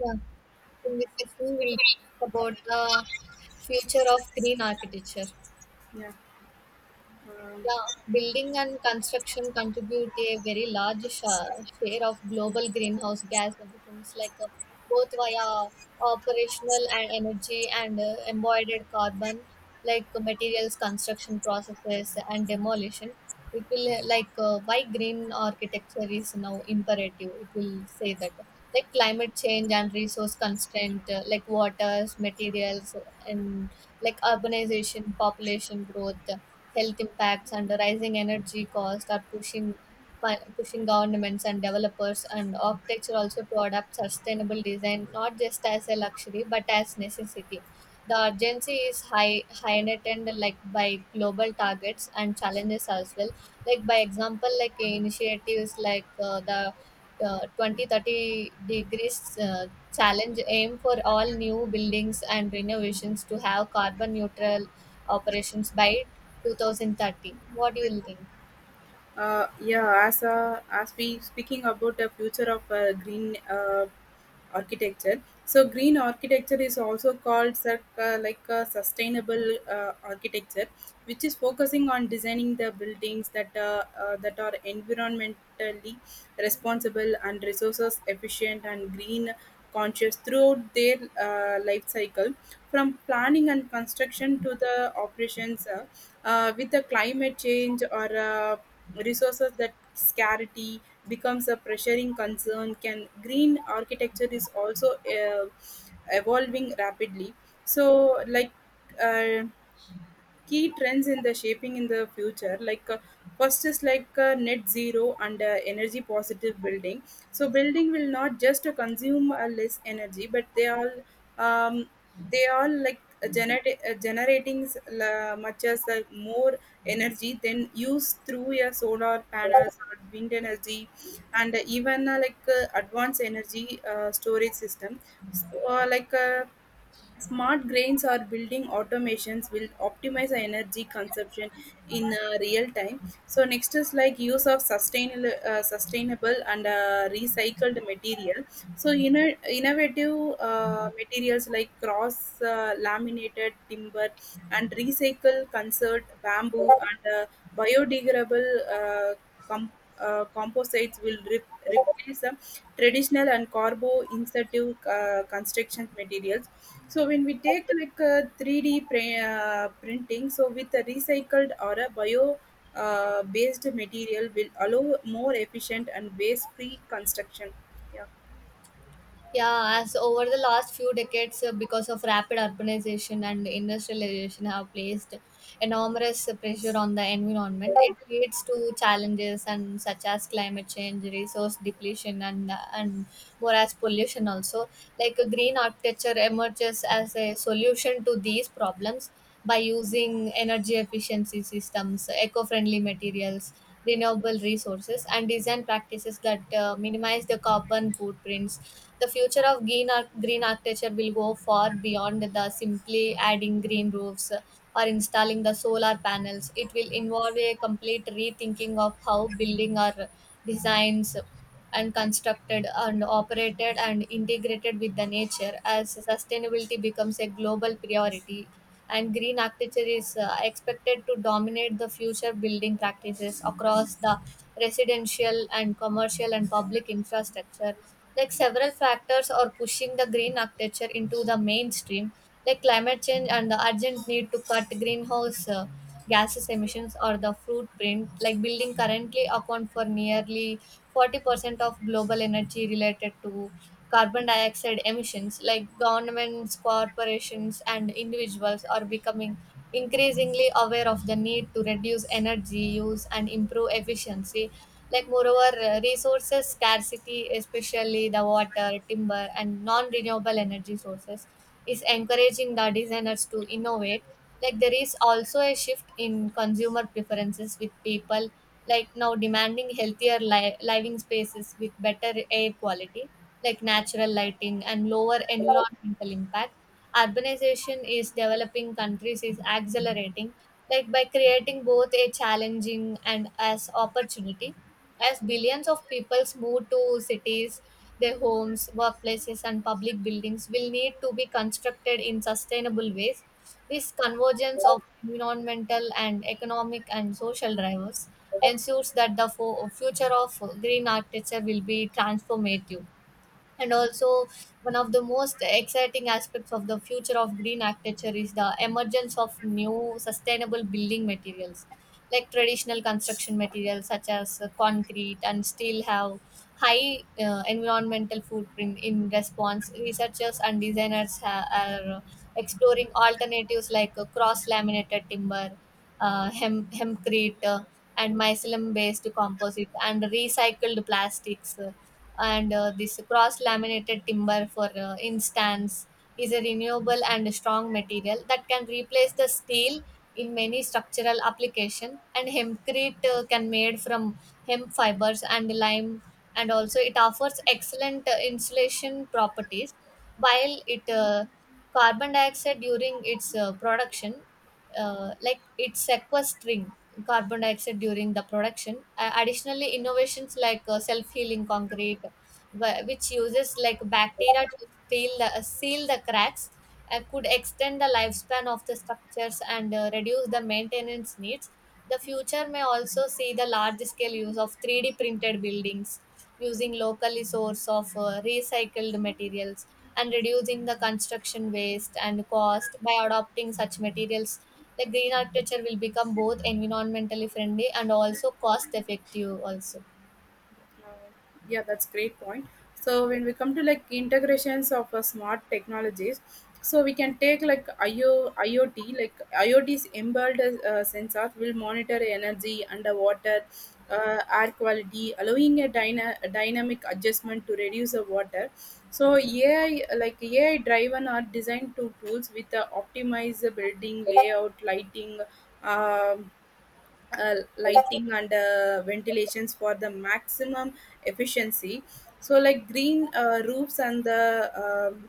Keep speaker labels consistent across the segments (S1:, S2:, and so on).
S1: Yeah. In this session, we'll talk about the future of green architecture.
S2: Yeah. Um,
S1: Yeah, building and construction contribute a very large share of global greenhouse gas emissions, like both via operational and energy and embodied carbon, like materials, construction processes, and demolition. It will, why green architecture is now imperative, it will say that like climate change and resource constraint, like waters, materials, and like urbanization, population growth, health impacts and rising energy costs are pushing pushing governments and developers and architecture also to adopt sustainable design not just as a luxury but as necessity. The urgency is high, high net, like by global targets and challenges as well, like by example, like initiatives like the 20 thirty degrees challenge aim for all new buildings and renovations to have carbon neutral operations by 2030. What do you think?
S2: yeah. As we speaking about the future of green architecture. So green architecture is also called sustainable architecture, which is focusing on designing the buildings that are environmentally responsible and resources efficient and green conscious throughout their life cycle from planning and construction to the operations with the climate change or resources that scarcity becomes a pressuring concern, can green architecture is also uh, evolving rapidly. So, uh, key trends in the shaping in the future like first is like net zero and energy positive building, so building will not just consume less energy but um, they all like generate, generating s- la- much as more energy than used through your solar panels or wind energy and even like advanced energy storage system. So, smart grains or building automations will optimize our energy consumption in real time. So next is like use of sustainable and recycled material. So innovative materials like cross laminated timber and recycle concert bamboo and biodegradable uh, com- composites will replace the traditional and carbo insensitive construction materials. So when we take like a 3D printing, so with a recycled or a bio based material will allow more efficient and waste free construction. Yeah.
S1: Yeah, as over the last few decades, because of rapid urbanization and industrialization, have placed enormous pressure on the environment. It leads to challenges and such as climate change, resource depletion, and more as pollution also. Like a green architecture emerges as a solution to these problems by using energy efficiency systems, eco-friendly materials, renewable resources, and design practices that minimize the carbon footprints. The future of green architecture will go far beyond the simply adding green roofs or installing the solar panels. It will involve a complete rethinking of how building are designs and constructed and operated and integrated with the nature. As sustainability becomes a global priority and green architecture is expected to dominate the future building practices across the residential and commercial and public infrastructure, like several factors are pushing the green architecture into the mainstream, like climate change and the urgent need to cut greenhouse gases emissions or the footprint, like building currently account for nearly 40% of global energy related to carbon dioxide emissions. Like governments, corporations and individuals are becoming increasingly aware of the need to reduce energy use and improve efficiency. Like moreover, resources scarcity, especially the water, timber and non-renewable energy sources, is encouraging the designers to innovate. Like there is also a shift in consumer preferences, with people like now demanding healthier living spaces with better air quality, like natural lighting and lower environmental impact. Urbanization is developing countries is accelerating, like by creating both a challenging and as opportunity. As billions of people move to cities, their homes, workplaces and public buildings will need to be constructed in sustainable ways. This convergence of environmental and economic and social drivers ensures that the future of green architecture will be transformative. And also, one of the most exciting aspects of the future of green architecture is the emergence of new sustainable building materials. Like traditional construction materials such as concrete and steel have high environmental footprint. In response, researchers and designers are exploring alternatives like cross laminated timber, hempcrete, and mycelium based composite and recycled plastics. And this cross laminated timber for instance is a renewable and strong material that can replace the steel in many structural application. And hempcrete can made from hemp fibers and lime, and also it offers excellent insulation properties, while it carbon dioxide during its production, like it's sequestering carbon dioxide during the production. Additionally, innovations like self-healing concrete, which uses like bacteria to seal the cracks, could extend the lifespan of the structures and reduce the maintenance needs. The future may also see the large-scale use of 3D printed buildings using locally source of recycled materials and reducing the construction waste and cost. By adopting such materials, like green architecture will become both environmentally friendly and also cost effective also.
S2: Uh, yeah, that's great point. So when we come to like integrations of smart technologies, so we can take like iot, iot's embedded sensor will monitor energy underwater, air quality, allowing a a dynamic adjustment to reduce the water. So ai driven are designed to tools with the optimize the building layout lighting, um, lighting and ventilations for the maximum efficiency. So like green roofs and the um,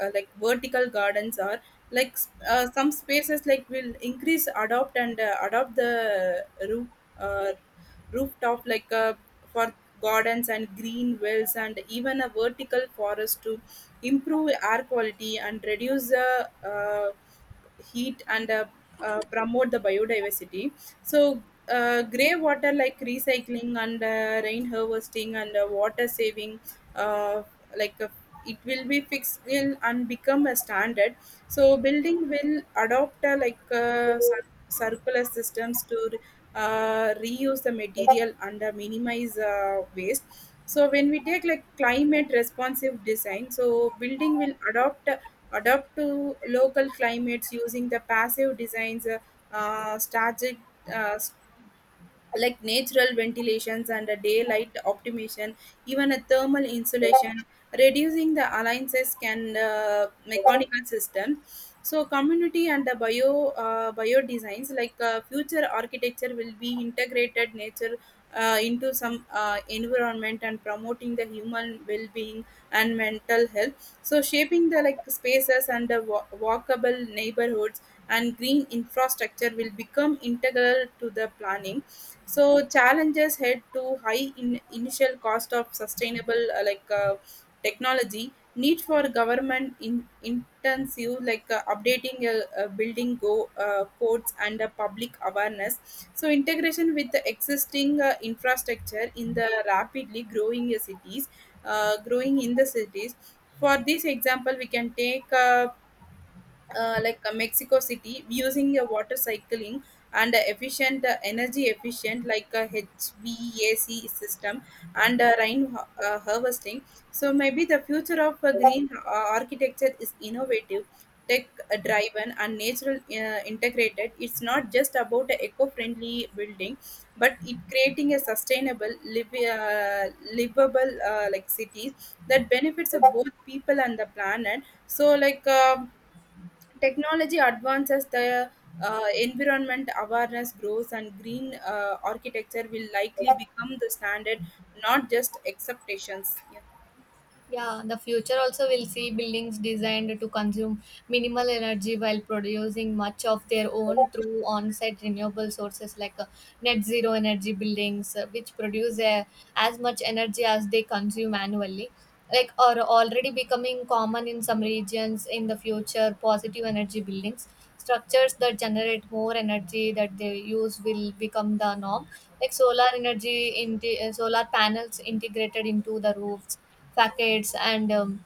S2: like vertical gardens are like some spaces like will increase adopt and adopt the roof uh, rooftop for gardens and green wells and even a vertical forest to improve air quality and reduce the heat and promote the biodiversity. So, grey water like recycling and rain harvesting and water saving, uh, like uh, it will be fixed in and become a standard. So, building will adopt circular systems to reuse the material and minimize waste. So when we take like climate responsive design, so building will adopt adapt to local climates using the passive designs, strategic uh, natural ventilations and a daylight optimization, even a thermal insulation, reducing the alliances can mechanical system. So community and the bio designs, like future architecture will be integrated nature into some environment and promoting the human well-being and mental health. So shaping the like spaces and the walkable neighborhoods and green infrastructure will become integral to the planning. So challenges head to high in initial cost of sustainable technology, need for government in intensive like updating building go codes and public awareness. So integration with the existing infrastructure in the rapidly growing cities, growing in the cities. For this example, we can take Mexico City using a water cycling and a efficient energy efficient like a HVAC system and rain harvesting. So maybe the future of green architecture is innovative, tech driven and natural integrated. It's not just about a eco-friendly building, but it creating a sustainable, live livable cities that benefits of both people and the planet. So, technology advances, the environment awareness grows, and green architecture will likely become the standard, not just acceptations. Yeah.
S1: Yeah, the future also will see buildings designed to consume minimal energy while producing much of their own through on-site renewable sources, like net zero energy buildings, which produce as much energy as they consume annually. Like are already becoming common in some regions. In the future, positive energy buildings, structures that generate more energy that they use, will become the norm. Like solar energy in solar panels integrated into the roofs, facades and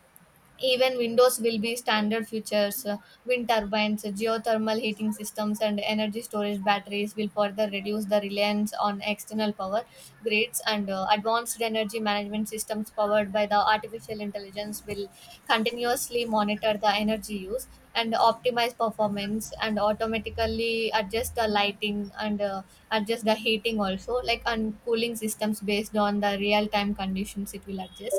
S1: even windows will be standard features. Wind turbines, geothermal heating systems, and energy storage batteries will further reduce the reliance on external power grids. And advanced energy management systems powered by the artificial intelligence will continuously monitor the energy use and optimize performance and automatically adjust the lighting and, adjust the heating also, like and cooling systems based on the real time conditions it will adjust.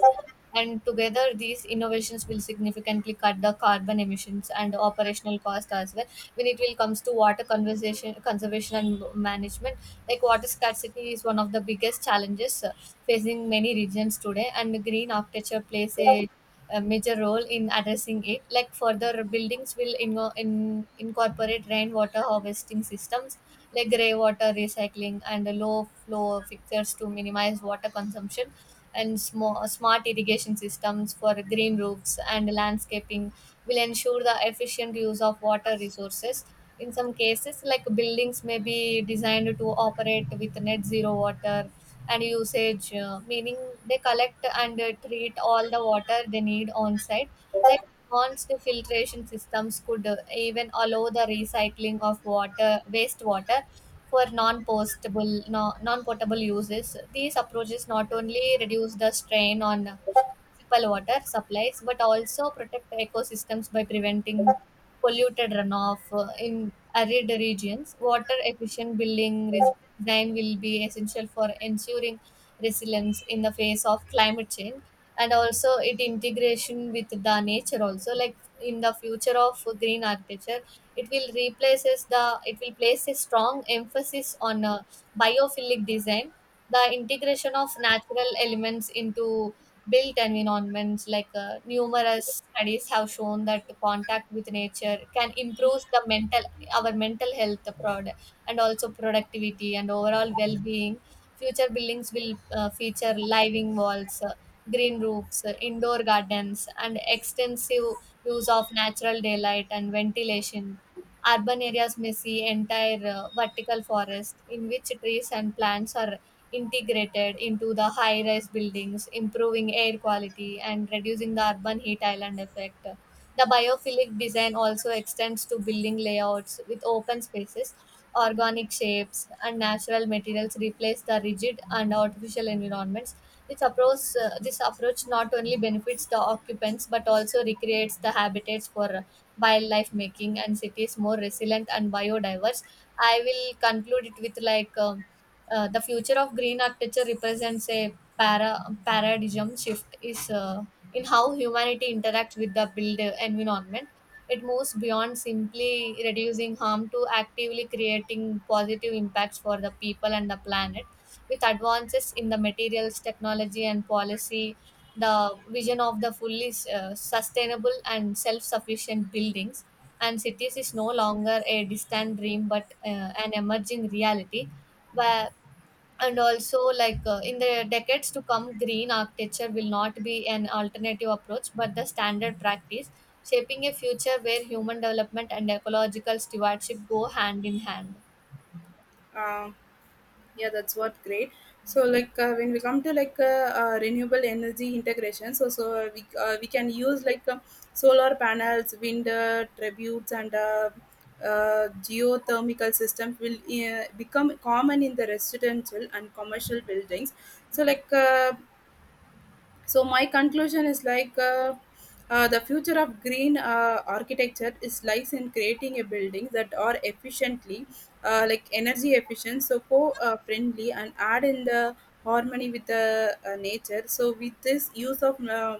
S1: And together, these innovations will significantly cut the carbon emissions and operational cost as well. When it will comes to water conservation, conservation and management, like water scarcity is one of the biggest challenges facing many regions today, and the green architecture plays a major role in addressing it. Like further buildings will incorporate rainwater harvesting systems, like grey water recycling and low flow fixtures to minimize water consumption. And smart irrigation systems for green roofs and landscaping will ensure the efficient use of water resources. In some cases, like buildings may be designed to operate with net zero water and usage, meaning they collect and treat all the water they need on site. Like advanced filtration systems could even allow the recycling of water, wastewater for non-postable no, non-potable uses. These approaches not only reduce the strain on municipal water supplies but also protect ecosystems by preventing polluted runoff. In arid regions, water efficient building design will be essential for ensuring resilience in the face of climate change. And also it integration with the nature also, like in the future of green architecture, it will place a strong emphasis on biophilic design, the integration of natural elements into built environments. Like numerous studies have shown that contact with nature can improve the mental our mental health, prod and also productivity and overall well-being. Future buildings will feature living walls, green roofs, indoor gardens and extensive use of natural daylight and ventilation. Urban areas may see entire vertical forest in which trees and plants are integrated into the high rise buildings, improving air quality and reducing the urban heat island effect. The biophilic design also extends to building layouts with open spaces. Organic shapes and natural materials replace the rigid and artificial environments. This approach not only benefits the occupants but also recreates the habitats for wildlife, making and cities more resilient and biodiverse. I will conclude it with like. The future of green architecture represents a paradigm shift is, in how humanity interacts with the built environment. It moves beyond simply reducing harm to actively creating positive impacts for the people and the planet. With advances in the materials, technology and policy, the vision of the fully sustainable and self-sufficient buildings and cities is no longer a distant dream but an emerging reality where. And also like in the decades to come, green architecture will not be an alternative approach but the standard practice, shaping a future where human development and ecological stewardship go hand in hand.
S2: uh, yeah, that's what great. So, when we come to renewable energy integration, so we can use like solar panels, wind tributes, and geothermal systems will become common in the residential and commercial buildings. So so my conclusion is the future of green architecture is lies in creating a building that are efficiently energy efficient, so co friendly and add in the harmony with the nature. So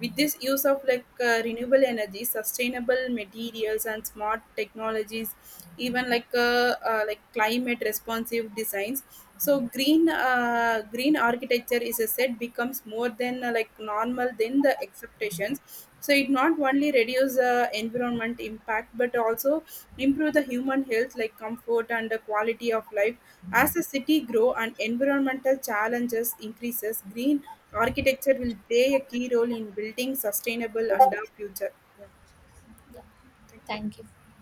S2: with this use of renewable energy sustainable materials and smart technologies, even like climate responsive designs, so green architecture is a set becomes more than normal than the expectations. So it not only reduce environment impact but also improve the human health like comfort and the quality of life. As the city grow and environmental challenges increases, green architecture will play a key role in building sustainable and our future. Yeah.
S1: Yeah,
S2: Thank you.
S1: thank you.